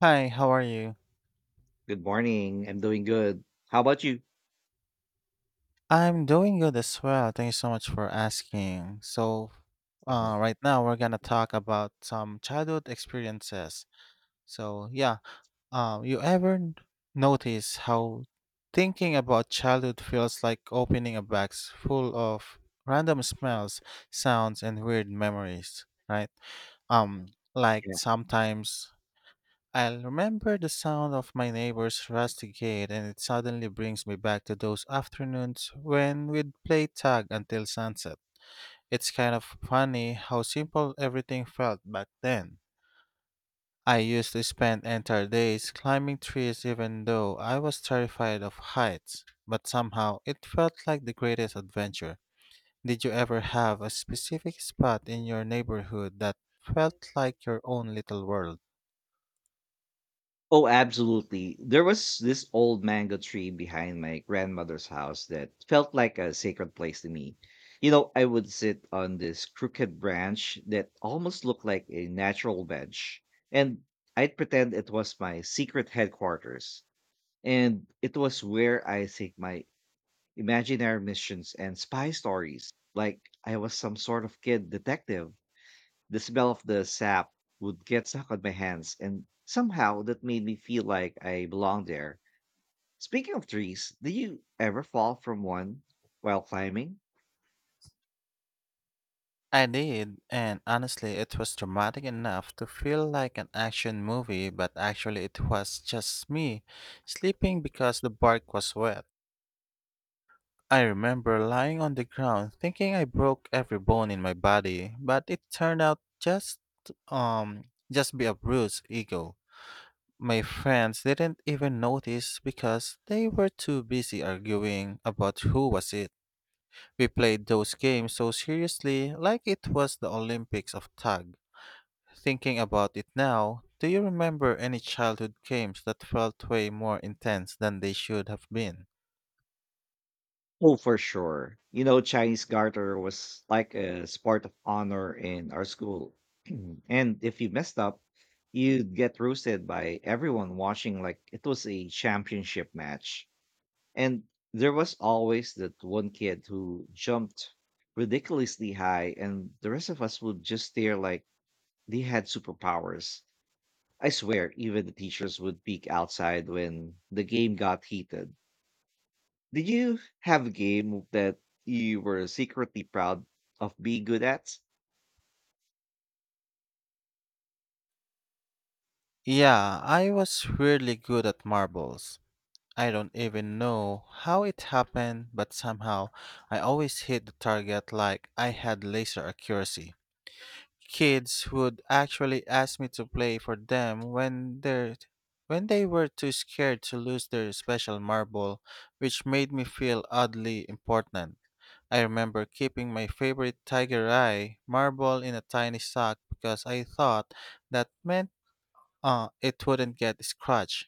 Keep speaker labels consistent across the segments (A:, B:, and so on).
A: Hi, how are you?
B: Good morning. I'm doing good. How about you?
A: I'm doing good as well. Thank you so much for asking. So,
B: Mhm.
A: right now we're gonna talk about some childhood experiences. So, yeah, um, you ever n- notice how thinking about childhood feels like opening a box full of random smells, sounds, and weird memories, right? Um, like
B: Yeah.
A: sometimes I'll remember the sound of my neighbor's rusty gate, and it suddenly brings me back to those afternoons when we'd play tag until sunset. It's kind of funny how simple everything felt back then. I used to spend entire days climbing trees even though I was terrified of heights, but somehow it felt like the greatest adventure. Did you ever have a specific spot in your neighborhood that felt like your own little world?
B: Oh, absolutely. There was this old mango tree behind my grandmother's house that felt like a sacred place to me. You know, I would sit on this crooked branch that almost looked like a natural bench, and I'd pretend it was my secret headquarters. And it was where I think my imaginary missions and spy stories, like I was some sort of kid detective. The smell of the sap would get stuck on my hands, and somehow that made me feel like I belonged there. Speaking of trees, did you ever fall from one while climbing?
A: I did, and honestly, it was dramatic enough to feel like an action movie, but actually, it was just me sleeping because the bark was wet. I remember lying on the ground thinking I broke every bone in my body, but it turned out um just be a bruised ego. My friends didn't even notice because they were too busy arguing about who was it. We played those games so seriously like it was the Olympics of tug. Thinking about it now, do you remember any childhood games that felt way more intense than they should have been?
B: Oh, for sure. You know, Chinese garter was like a sport of honor in our school. And if you messed up, you'd get roasted by everyone watching like it was a championship match. And there was always that one kid who jumped ridiculously high, and the rest of us would just stare like they had superpowers. I swear, even the teachers would peek outside when the game got heated. Did you have a game that you were secretly proud of being good at?
A: Yeah, I was really good at marbles. I don't even know how it happened, but somehow I always hit the target like I had laser accuracy. Kids would actually ask me to play for them when they were too scared to lose their special marble, which made me feel oddly important. I remember keeping my favorite tiger eye marble in a tiny sock because I thought that meant it wouldn't get scratched.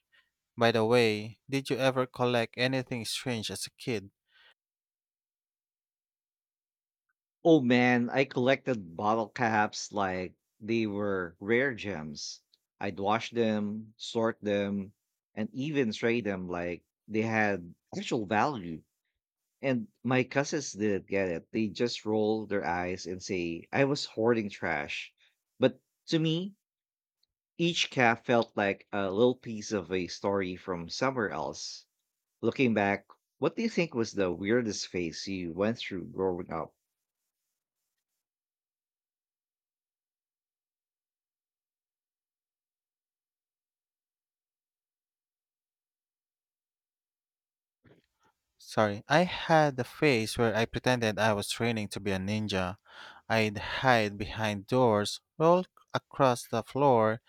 A: By the way, did you ever collect anything strange as a kid?
B: Oh man, I collected bottle caps like they were rare gems. I'd wash them, sort them, and even trade them like they had actual value. And my cousins didn't get it. They just roll their eyes and say, I was hoarding trash. But to me, each cap felt like a little piece of a story from somewhere else. Looking back, what do you think was the weirdest phase you went through growing up?
A: Sorry, I had a phase where I pretended I was training to be a ninja. I'd hide behind doors, roll across the floor,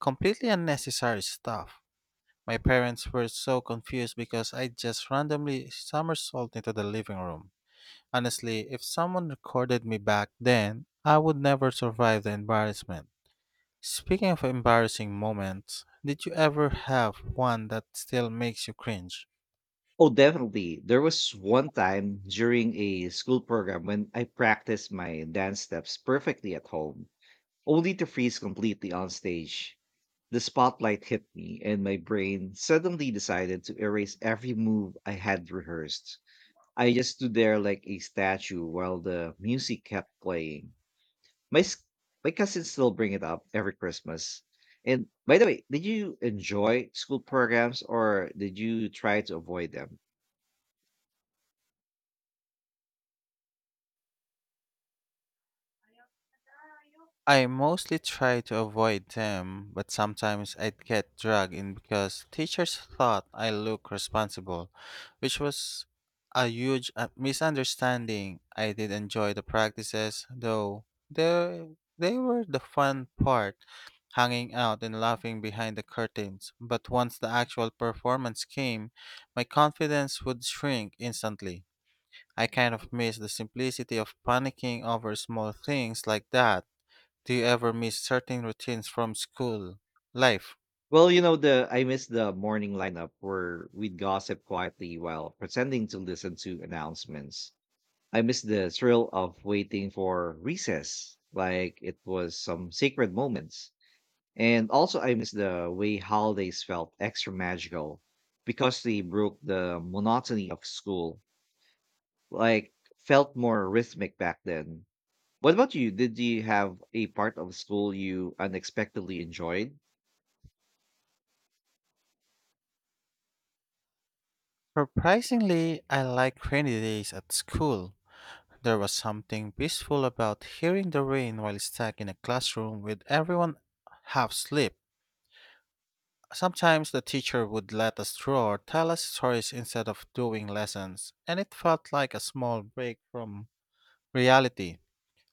A: completely unnecessary stuff. My parents were so confused because I just randomly somersaulted into the living room. Honestly, if someone recorded me back then, I would never survive the embarrassment. Speaking of embarrassing moments, did you ever have one that still makes you cringe?
B: Oh, definitely. There was one time during a school program when I practiced my dance steps perfectly at home, only to freeze completely on stage. The spotlight hit me, and my brain suddenly decided to erase every move I had rehearsed. I just stood there like a statue while the music kept playing. My s- my cousins still bring it up every Christmas. And by the way, did you enjoy school programs or did you try to avoid them?
A: I mostly try to avoid them, but sometimes I'd get dragged in because teachers thought I looked responsible, which was a huge misunderstanding. I did enjoy the practices, though they, they were the fun part, hanging out and laughing behind the curtains. But once the actual performance came, my confidence would shrink instantly. I kind of missed the simplicity of panicking over small things like that. Do you ever miss certain routines from school life?
B: Well, you know, the I miss the morning lineup where we'd gossip quietly while pretending to listen to announcements. I miss the thrill of waiting for recess, like it was some sacred moments. And also, I miss the way holidays felt extra magical because they broke the monotony of school, like felt more rhythmic back then. What about you? Did you have a part of school you unexpectedly enjoyed?
A: Surprisingly, I like rainy days at school. There was something peaceful about hearing the rain while stuck in a classroom with everyone half asleep. Sometimes the teacher would let us draw or tell us stories instead of doing lessons, and it felt like a small break from reality.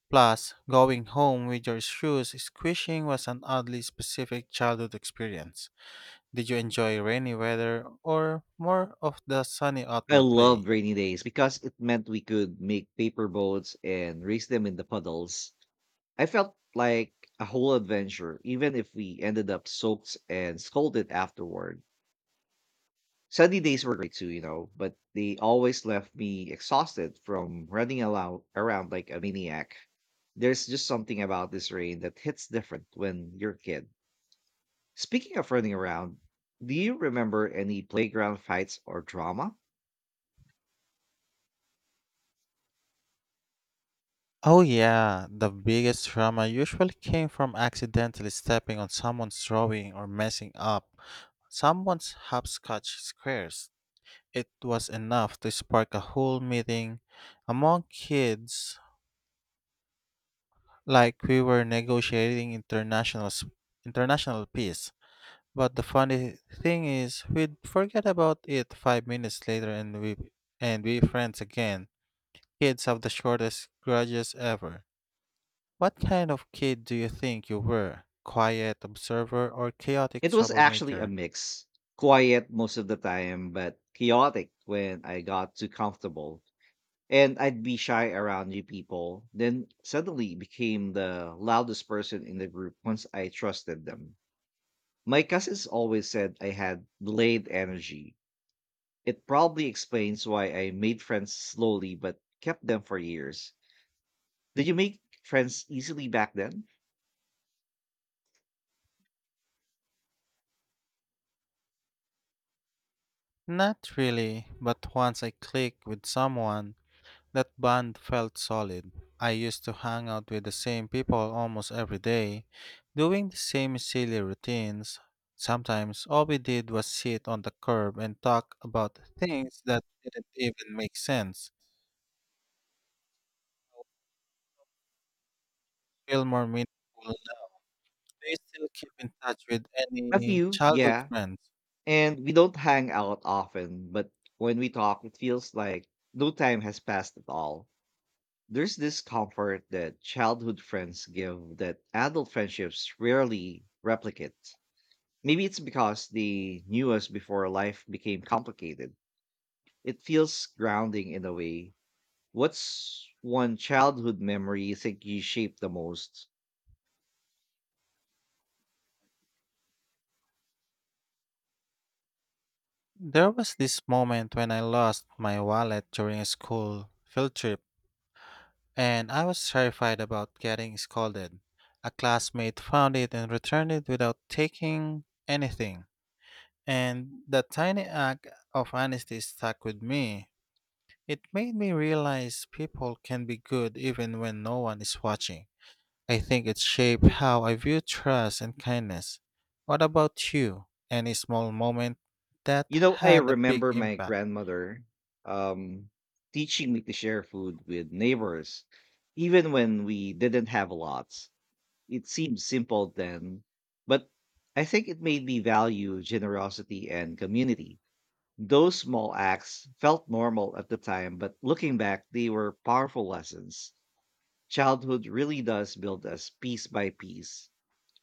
A: Plus, going home with your shoes squishing was an oddly specific childhood experience. Did you enjoy rainy weather or more of the sunny
B: I
A: outdoor
B: loved
A: play?
B: rainy days because it meant we could make paper boats and race them in the puddles. I felt like a whole adventure, even if we ended up soaked and scolded afterward. Sunny days were great too, you know, but they always left me exhausted from running around like a maniac. There's just something about this rain that hits different when you're a kid. Speaking of running around, do you remember any playground fights or drama?
A: Oh, yeah, the biggest drama usually came from accidentally stepping on someone's drawing or messing up someone's hopscotch squares. It was enough to spark a whole meeting among kids, like we were negotiating international peace. But the funny thing is, we'd forget about it 5 minutes later, and we friends again. Kids have the shortest grudges ever. What kind of kid do you think you were? Quiet observer or chaotic
B: It was actually a
A: troublemaker?
B: mix. Quiet most of the time, but chaotic when I got too comfortable. And I'd be shy around new people, then suddenly became the loudest person in the group once I trusted them. My cousins always said I had delayed energy. It probably explains why I made friends slowly but kept them for years. Did you make friends easily back then?
A: Not really, but once I clicked with someone, that bond felt solid. I used to hang out with the same people almost every day, doing the same silly routines. Sometimes all we did was sit on the curb and talk about things that didn't even make sense. Feel more meaningful. Do you still keep in touch with
B: A
A: any
B: few,
A: childhood
B: yeah,
A: friends?
B: and we don't hang out often, but when we talk, it feels like no time has passed at all. There's this comfort that childhood friends give that adult friendships rarely replicate. Maybe it's because they knew us before life became complicated. It feels grounding in a way. What's one childhood memory you think you shaped the most?
A: There was this moment when I lost my wallet during a school field trip, and I was terrified about getting scolded. A classmate found it and returned it without taking anything, and that tiny act of honesty stuck with me. It made me realize people can be good even when no one is watching. I think it shaped how I view trust and kindness. What about you? Any small moment that
B: You know, I
A: had a big
B: remember my
A: impact?
B: grandmother um, teaching me to share food with neighbors, even when we didn't have lots. It seemed simple then, but I think it made me value generosity and community. Those small acts felt normal at the time, but looking back, they were powerful lessons. Childhood really does build us piece by piece.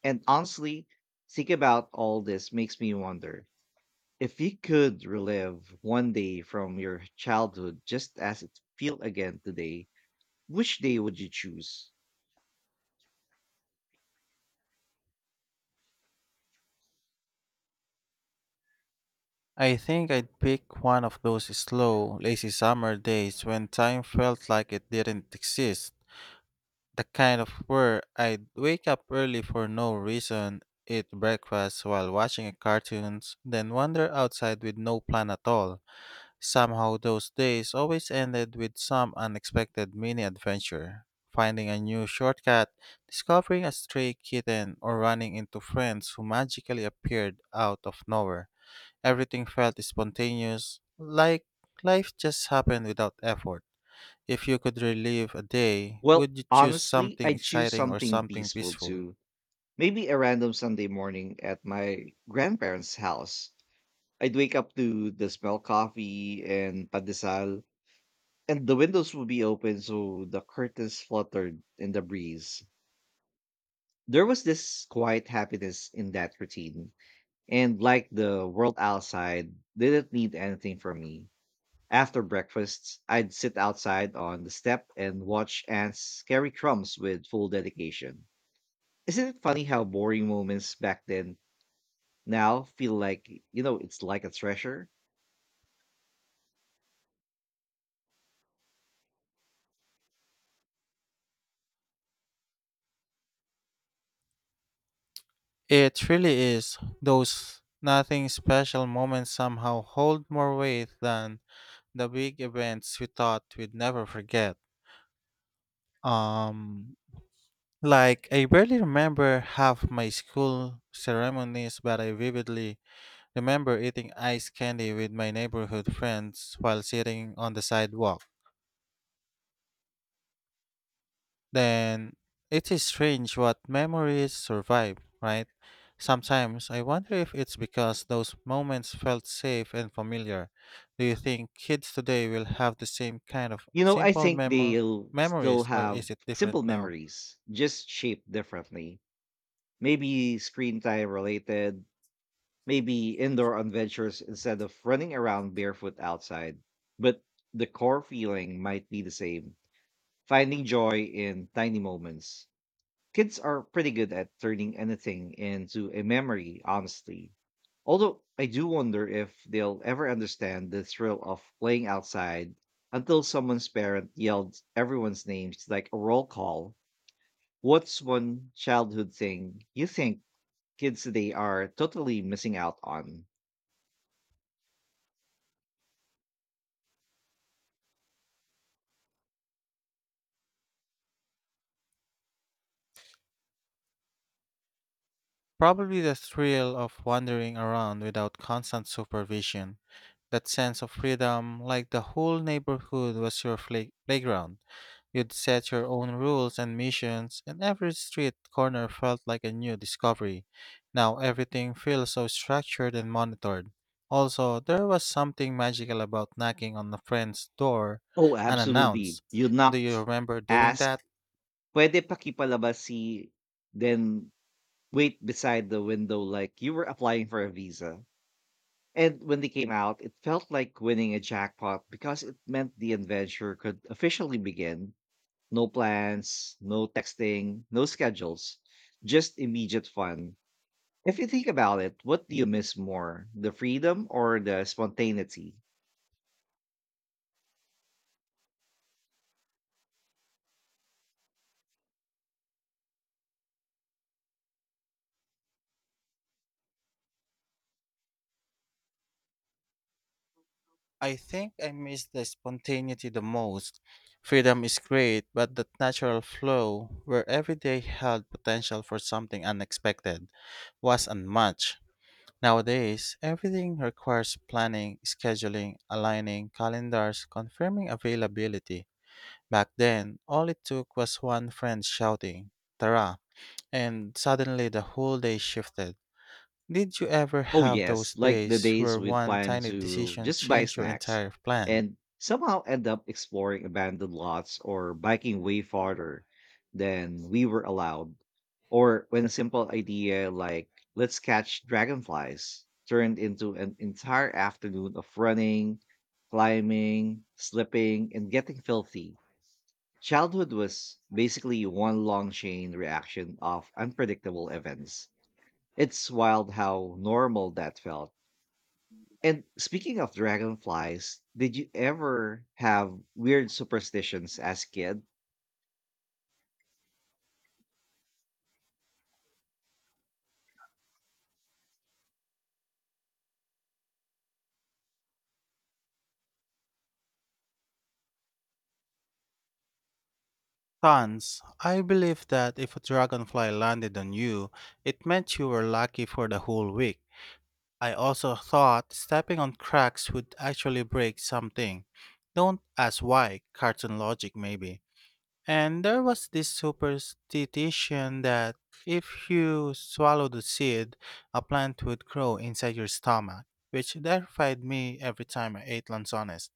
B: And honestly, think about all this makes me wonder, if you could relive one day from your childhood just as it feel again today, which day would you choose?
A: I think I'd pick one of those slow, lazy summer days when time felt like it didn't exist. The kind of where I'd wake up early for no reason, eat breakfast while watching a cartoons, then wander outside with no plan at all. Somehow those days always ended with some unexpected mini adventure. Finding a new shortcut, discovering a stray kitten, or running into friends who magically appeared out of nowhere. Everything felt spontaneous, like life just happened without effort. If you could relive a day,
B: Well,
A: would you choose
B: honestly,
A: something
B: I'd choose
A: exciting or
B: something
A: something
B: peaceful
A: peaceful?
B: too. Maybe a random Sunday morning at my grandparents' house. I'd wake up to the smell coffee and padesal, and the windows would be open so the curtains fluttered in the breeze. There was this quiet happiness in that routine, and like the world outside didn't need anything from me. After breakfast, I'd sit outside on the step and watch ants carry crumbs with full dedication. Isn't it funny how boring moments back then now feel like, you know, it's like a treasure?
A: It really is. Those nothing special moments somehow hold more weight than the big events we thought we'd never forget. Um, like, I barely remember half my school ceremonies, but I vividly remember eating ice candy with my neighborhood friends while sitting on the sidewalk. Then it is strange what memories survive, right? Sometimes I wonder if it's because those moments felt safe and familiar. Do you think kids today will have the same kind of
B: You know, I think they'll still
A: memories, or
B: have
A: is it different
B: simple
A: now?
B: memories, just shaped differently. Maybe screen time related, maybe indoor adventures instead of running around barefoot outside. But the core feeling might be the same, finding joy in tiny moments. Kids are pretty good at turning anything into a memory, honestly. Although I do wonder if they'll ever understand the thrill of playing outside until someone's parent yelled everyone's names like a roll call. What's one childhood thing you think kids today are totally missing out on?
A: Probably the thrill of wandering around without constant supervision. That sense of freedom, like the whole neighborhood was your playground. You'd set your own rules and missions, and every street corner felt like a new discovery. Now everything feels so structured and monitored. Also, there was something magical about knocking on a friend's door
B: Oh, absolutely.
A: unannounced.
B: You
A: Do you
B: knocked,
A: remember doing
B: ask,
A: that?
B: "Pwede pakipalabas si," then wait beside the window like you were applying for a visa. And when they came out, it felt like winning a jackpot because it meant the adventure could officially begin. No plans, no texting, no schedules, just immediate fun. If you think about it, what do you miss more, the freedom or the spontaneity?
A: I think I miss the spontaneity the most. Freedom is great, but that natural flow where every day held potential for something unexpected was unmatched. Nowadays, everything requires planning, scheduling, aligning calendars, confirming availability. Back then, all it took was one friend shouting, "Tara," and suddenly the whole day shifted. Did you ever
B: Oh
A: have
B: yes,
A: those
B: like the
A: days
B: days
A: where
B: we'd
A: one
B: plan
A: tiny
B: to
A: decision
B: just buy
A: changed your
B: snacks
A: entire plan?
B: and somehow end up exploring abandoned lots or biking way farther than we were allowed. Or when a simple idea like let's catch dragonflies turned into an entire afternoon of running, climbing, slipping, and getting filthy. Childhood was basically one long chain reaction of unpredictable events. It's wild how normal that felt. And speaking of dragonflies, did you ever have weird superstitions as kid?
A: Tons. I believe that if a dragonfly landed on you, it meant you were lucky for the whole week. I also thought stepping on cracks would actually break something. Don't ask why, cartoon logic maybe. And there was this superstition that if you swallowed a seed, a plant would grow inside your stomach, which terrified me every time I ate lanzones.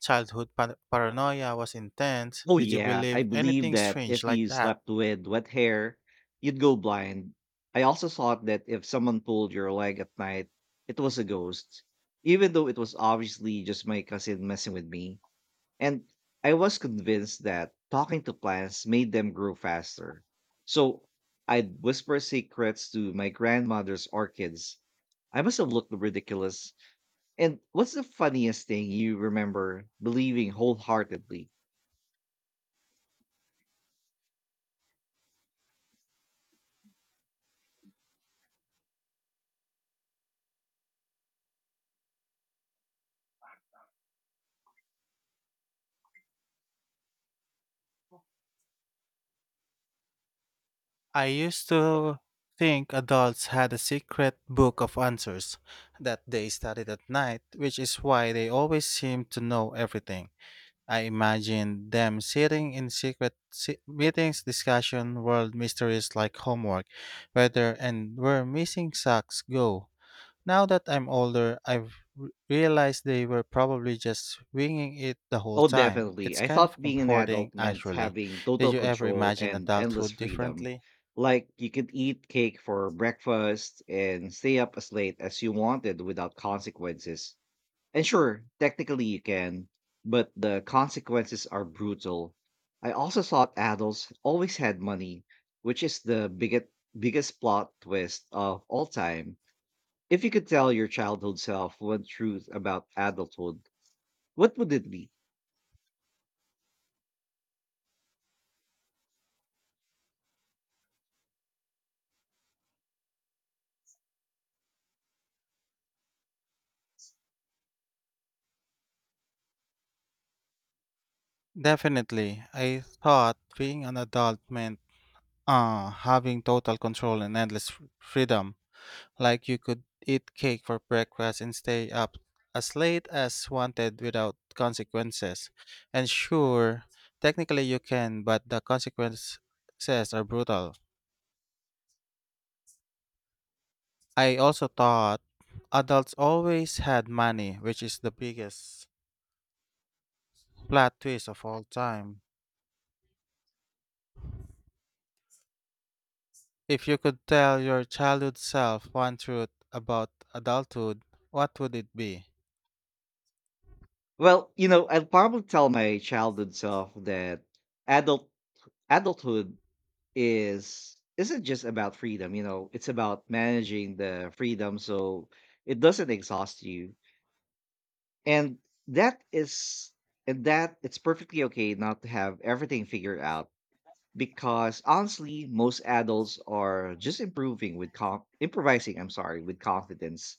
A: Paranoia was intense.
B: Oh
A: Did you
B: yeah, I
A: believe
B: believe
A: anything
B: that
A: strange
B: if
A: like
B: you
A: that?
B: slept with wet hair, you'd go blind. I also thought that if someone pulled your leg at night, it was a ghost, even though it was obviously just my cousin messing with me. And I was convinced that talking to plants made them grow faster. So I'd whisper secrets to my grandmother's orchids. I must have looked ridiculous. And what's the funniest thing you remember believing wholeheartedly?
A: I used to think adults had a secret book of answers that they studied at night, which is why they always seemed to know everything. I imagined them sitting in meetings, discussion world mysteries like homework, weather, and where missing socks go. Now that I'm older, I've realized they were probably just winging it the whole
B: Oh,
A: time.
B: definitely.
A: It's
B: I
A: kind
B: thought
A: of
B: being an
A: comforting,
B: adult meant
A: actually.
B: having
A: Did
B: total
A: you ever
B: control
A: imagine
B: and endless
A: adulthood
B: freedom.
A: differently?
B: Like you could eat cake for breakfast and stay up as late as you wanted without consequences. And sure, technically you can, but the consequences are brutal. I also thought adults always had money, which is the biggest plot twist of all time. If you could tell your childhood self one truth about adulthood, what would it be?
A: Definitely. I thought being an adult meant having total control and endless freedom. Like you could eat cake for breakfast and stay up as late as wanted without consequences. And sure, technically you can, but the consequences are brutal. I also thought adults always had money, which is the biggest plot twist of all time. If you could tell your childhood self one truth about adulthood, what would it be?
B: Well, you know, I'd probably tell my childhood self that adult adulthood is isn't just about freedom, you know, it's about managing the freedom so it doesn't exhaust you, and that is, and that it's perfectly okay not to have everything figured out, because honestly most adults are just improvising, I'm sorry, with confidence.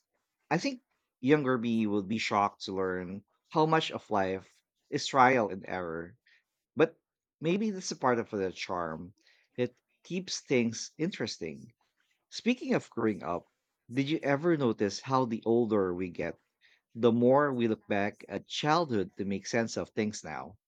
B: I think younger me would be shocked to learn how much of life is trial and error, but maybe that's a part of the charm that keeps things interesting. Speaking of growing up, did you ever notice how the older we get, the more we look back at childhood to make sense of things now?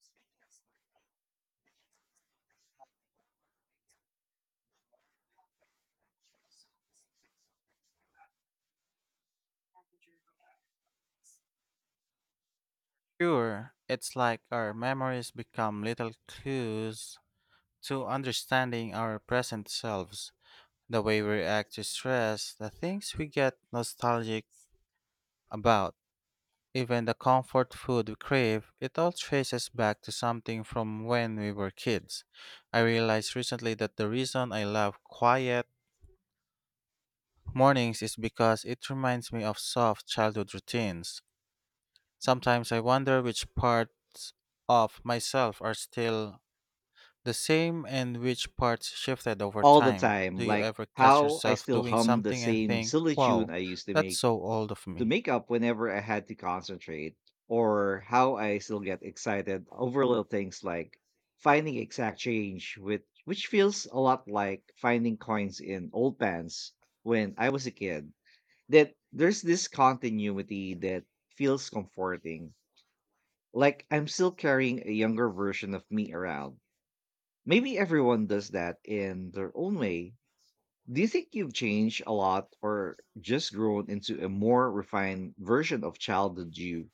A: Sure, it's like our memories become little clues to understanding our present selves, the way we react to stress, the things we get nostalgic about, even the comfort food we crave, it all traces back to something from when we were kids. I realized recently that the reason I love quiet, mornings is because it reminds me of soft childhood routines. Sometimes I wonder which parts of myself are still the same and which parts shifted over
B: All the
A: time. Do
B: time,
A: you
B: like
A: ever catch
B: how I
A: yourself
B: still
A: doing
B: hum the
A: something and
B: same
A: think,
B: silly tune
A: wow,
B: I used
A: that's so old of
B: to
A: me?
B: make up whenever I had to concentrate, or how I still get excited over little things like finding exact change with which feels a lot like finding coins in old pants when I was a kid. That there's this continuity that feels comforting, like I'm still carrying a younger version of me around. Maybe everyone does that in their own way. Do you think you've changed a lot or just grown into a more refined version of childhood you?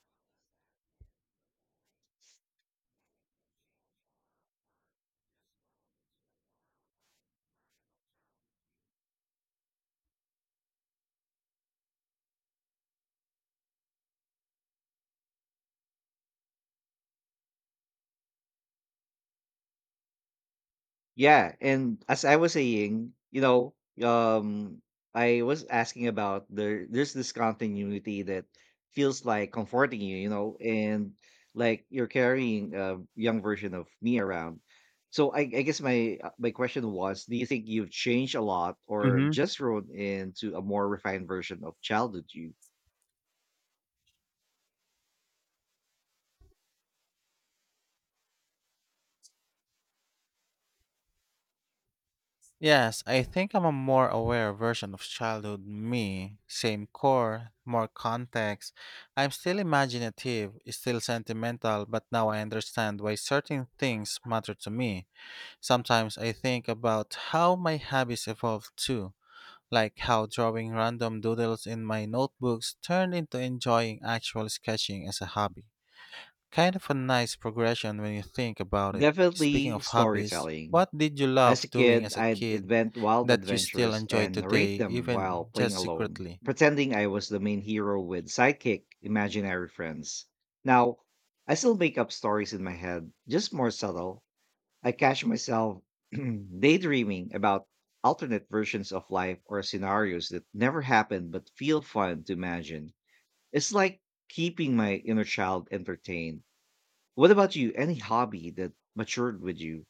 B: Yeah, and as I was saying, you know, um, I was asking about there. There's this continuity that feels like comforting you, you know, and like you're carrying a young version of me around. So I guess my my question was, do you think you've changed a lot, or
A: Mm-hmm.
B: just grown into a more refined version of childhood you?
A: Yes, I think I'm a more aware version of childhood me. Same core, more context. I'm still imaginative, still sentimental, but now I understand why certain things matter to me. Sometimes I think about how my hobbies evolved too, like how drawing random doodles in my notebooks turned into enjoying actual sketching as a hobby. Kind of a nice progression when you think about it. Speaking
B: Definitely
A: of hobbies,
B: storytelling.
A: what did you
B: As
A: love
B: a
A: doing
B: kid,
A: as a
B: I'd
A: kid
B: invent wild
A: that you still
B: adventures
A: enjoy
B: and narrate
A: today,
B: them while
A: even
B: playing
A: just
B: alone,
A: secretly?
B: pretending I was the main hero with sidekick imaginary friends. Now, I still make up stories in my head, just more subtle. I catch myself daydreaming about alternate versions of life or scenarios that never happened but feel fun to imagine. It's like keeping my inner child entertained. What about you? Any hobby that matured with you?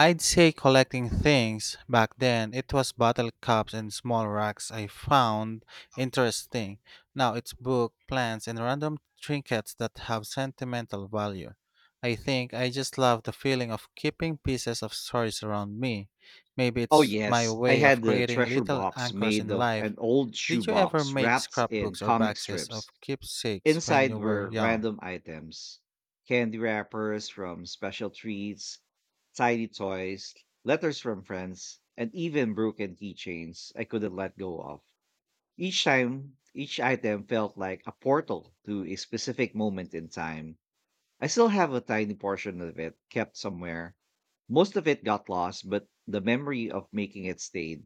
A: I'd say collecting things. Back then, it was bottle caps and small rocks I found interesting. Now it's book, plants, and random trinkets that have sentimental value. I think I just love the feeling of keeping pieces of stories around me. Maybe
B: Oh
A: it's my
B: yes, I
A: way
B: had
A: of
B: the
A: creating
B: treasure
A: little
B: box
A: anchors in
B: made of
A: life.
B: an old
A: Did you ever
B: shoebox
A: make
B: wrapped in
A: scrapbooks or
B: comic
A: boxes of
B: strips.
A: keepsakes when
B: Inside
A: you were
B: were
A: young?
B: random items, candy wrappers from special treats, tiny toys, letters from friends, and even broken keychains I couldn't let go of. Each time, each item felt like a portal to a specific moment in time. I still have a tiny portion of it kept somewhere. Most of it got lost, but the memory of making it stayed.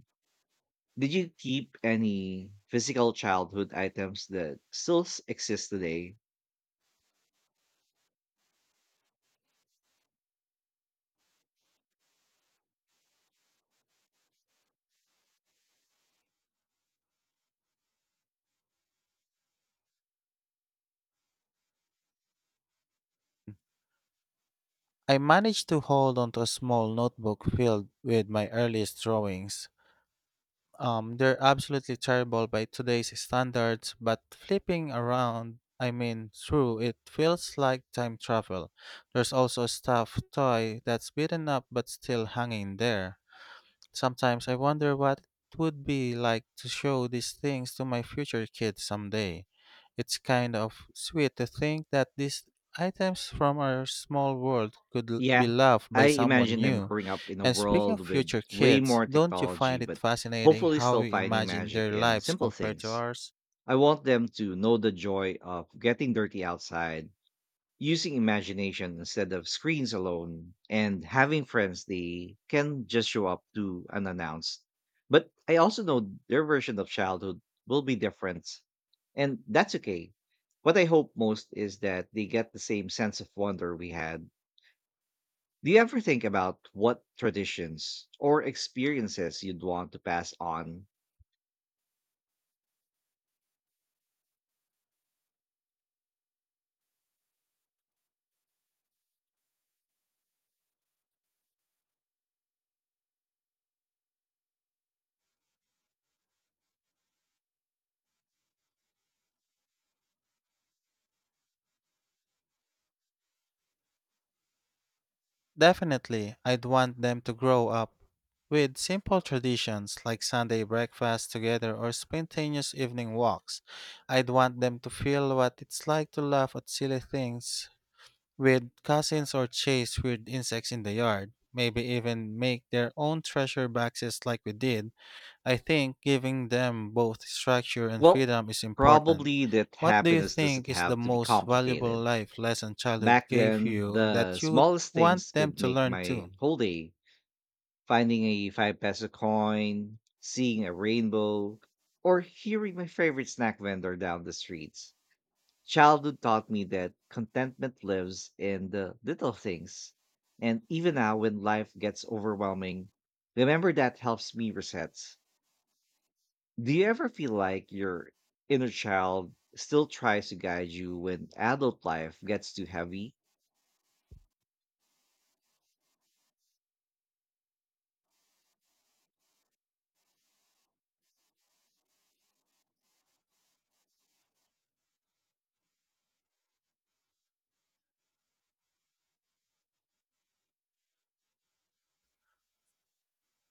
B: Did you keep any physical childhood items that still exist today?
A: I managed to hold on to a small notebook filled with my earliest drawings. They're absolutely terrible by today's standards, but flipping around, I mean, through, it feels like time travel. There's also a stuffed toy that's beaten up but still hanging there. Sometimes I wonder what it would be like to show these things to my future kids someday. It's kind of sweet to think that these items from our small world could be
B: Yeah,
A: loved
B: I
A: by someone
B: imagine them
A: new.
B: growing up in a
A: And speaking of
B: world with
A: future
B: way
A: kids,
B: more
A: don't you
B: technology,
A: find it
B: but
A: fascinating
B: hopefully
A: how
B: still
A: you
B: finding
A: imagine
B: magic
A: their
B: in
A: lives
B: simple
A: compared to
B: things.
A: ours?
B: I want them to know the joy of getting dirty outside, using imagination instead of screens alone, and having friends they can just show up to unannounced. But I also know their version of childhood will be different, and that's okay. What I hope most is that they get the same sense of wonder we had. Do you ever think about what traditions or experiences you'd want to pass on?
A: Definitely, I'd want them to grow up with simple traditions like Sunday breakfast together or spontaneous evening walks. I'd want them to feel what it's like to laugh at silly things with cousins or chase weird insects in the yard. Maybe even make their own treasure boxes like we did. I think giving them both structure and
B: Well,
A: freedom is important.
B: probably that
A: What do you
B: happiness doesn't
A: think is
B: have
A: the
B: to be
A: most valuable
B: complicated.
A: life lesson childhood
B: Back
A: gave
B: then,
A: you
B: the
A: that you would
B: smallest
A: want
B: things
A: them
B: could
A: to
B: make
A: learn too?
B: my whole day. Finding a 5 peso coin, seeing a rainbow, or hearing my favorite snack vendor down the streets. Childhood taught me that contentment lives in the little things. And even now, when life gets overwhelming, remember that helps me reset. Do you ever feel like your inner child still tries to guide you when adult life gets too heavy?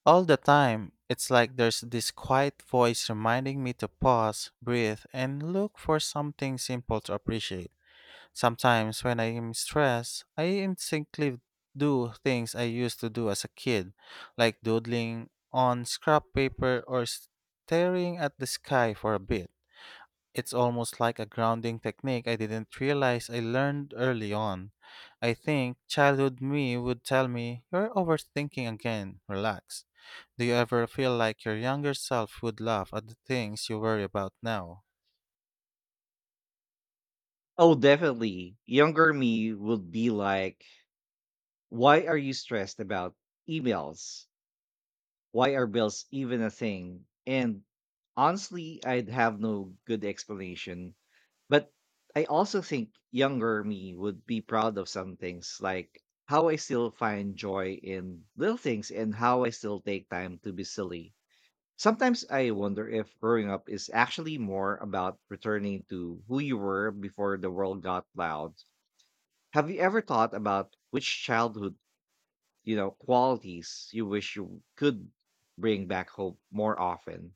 A: All the time, it's like there's this quiet voice reminding me to pause, breathe, and look for something simple to appreciate. Sometimes when I am stressed, I instinctively do things I used to do as a kid, like doodling on scrap paper or staring at the sky for a bit. It's almost like a grounding technique I didn't realize I learned early on. I think childhood me would tell me, "You're overthinking again, relax." Do you ever feel like your younger self would laugh at the things you worry about now?
B: Oh, definitely. Younger me would be like, why are you stressed about emails? Why are bills even a thing? And honestly, I'd have no good explanation. But I also think younger me would be proud of some things, like how I still find joy in little things and how I still take time to be silly. Sometimes I wonder if growing up is actually more about returning to who you were before the world got loud. Have you ever thought about which childhood, you know, qualities you wish you could bring back home more often?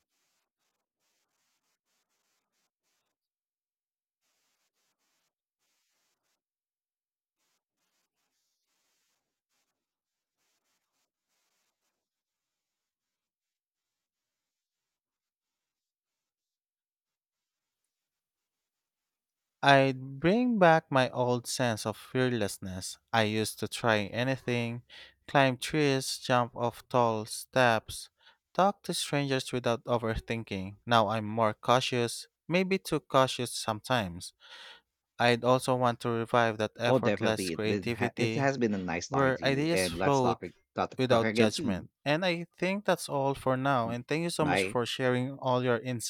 A: I'd bring back my old sense of fearlessness. I used to try anything, climb trees, jump off tall steps, talk to strangers without overthinking. Now I'm more cautious, maybe too cautious sometimes. I'd also want to revive that
B: Oh,
A: effortless
B: definitely. It it
A: creativity
B: has been a nice talking
A: where
B: to you,
A: ideas
B: and let's
A: flowed
B: talk
A: without
B: again soon.
A: judgment. And I think that's all for now. And thank you so much
B: Bye.
A: for sharing all your insights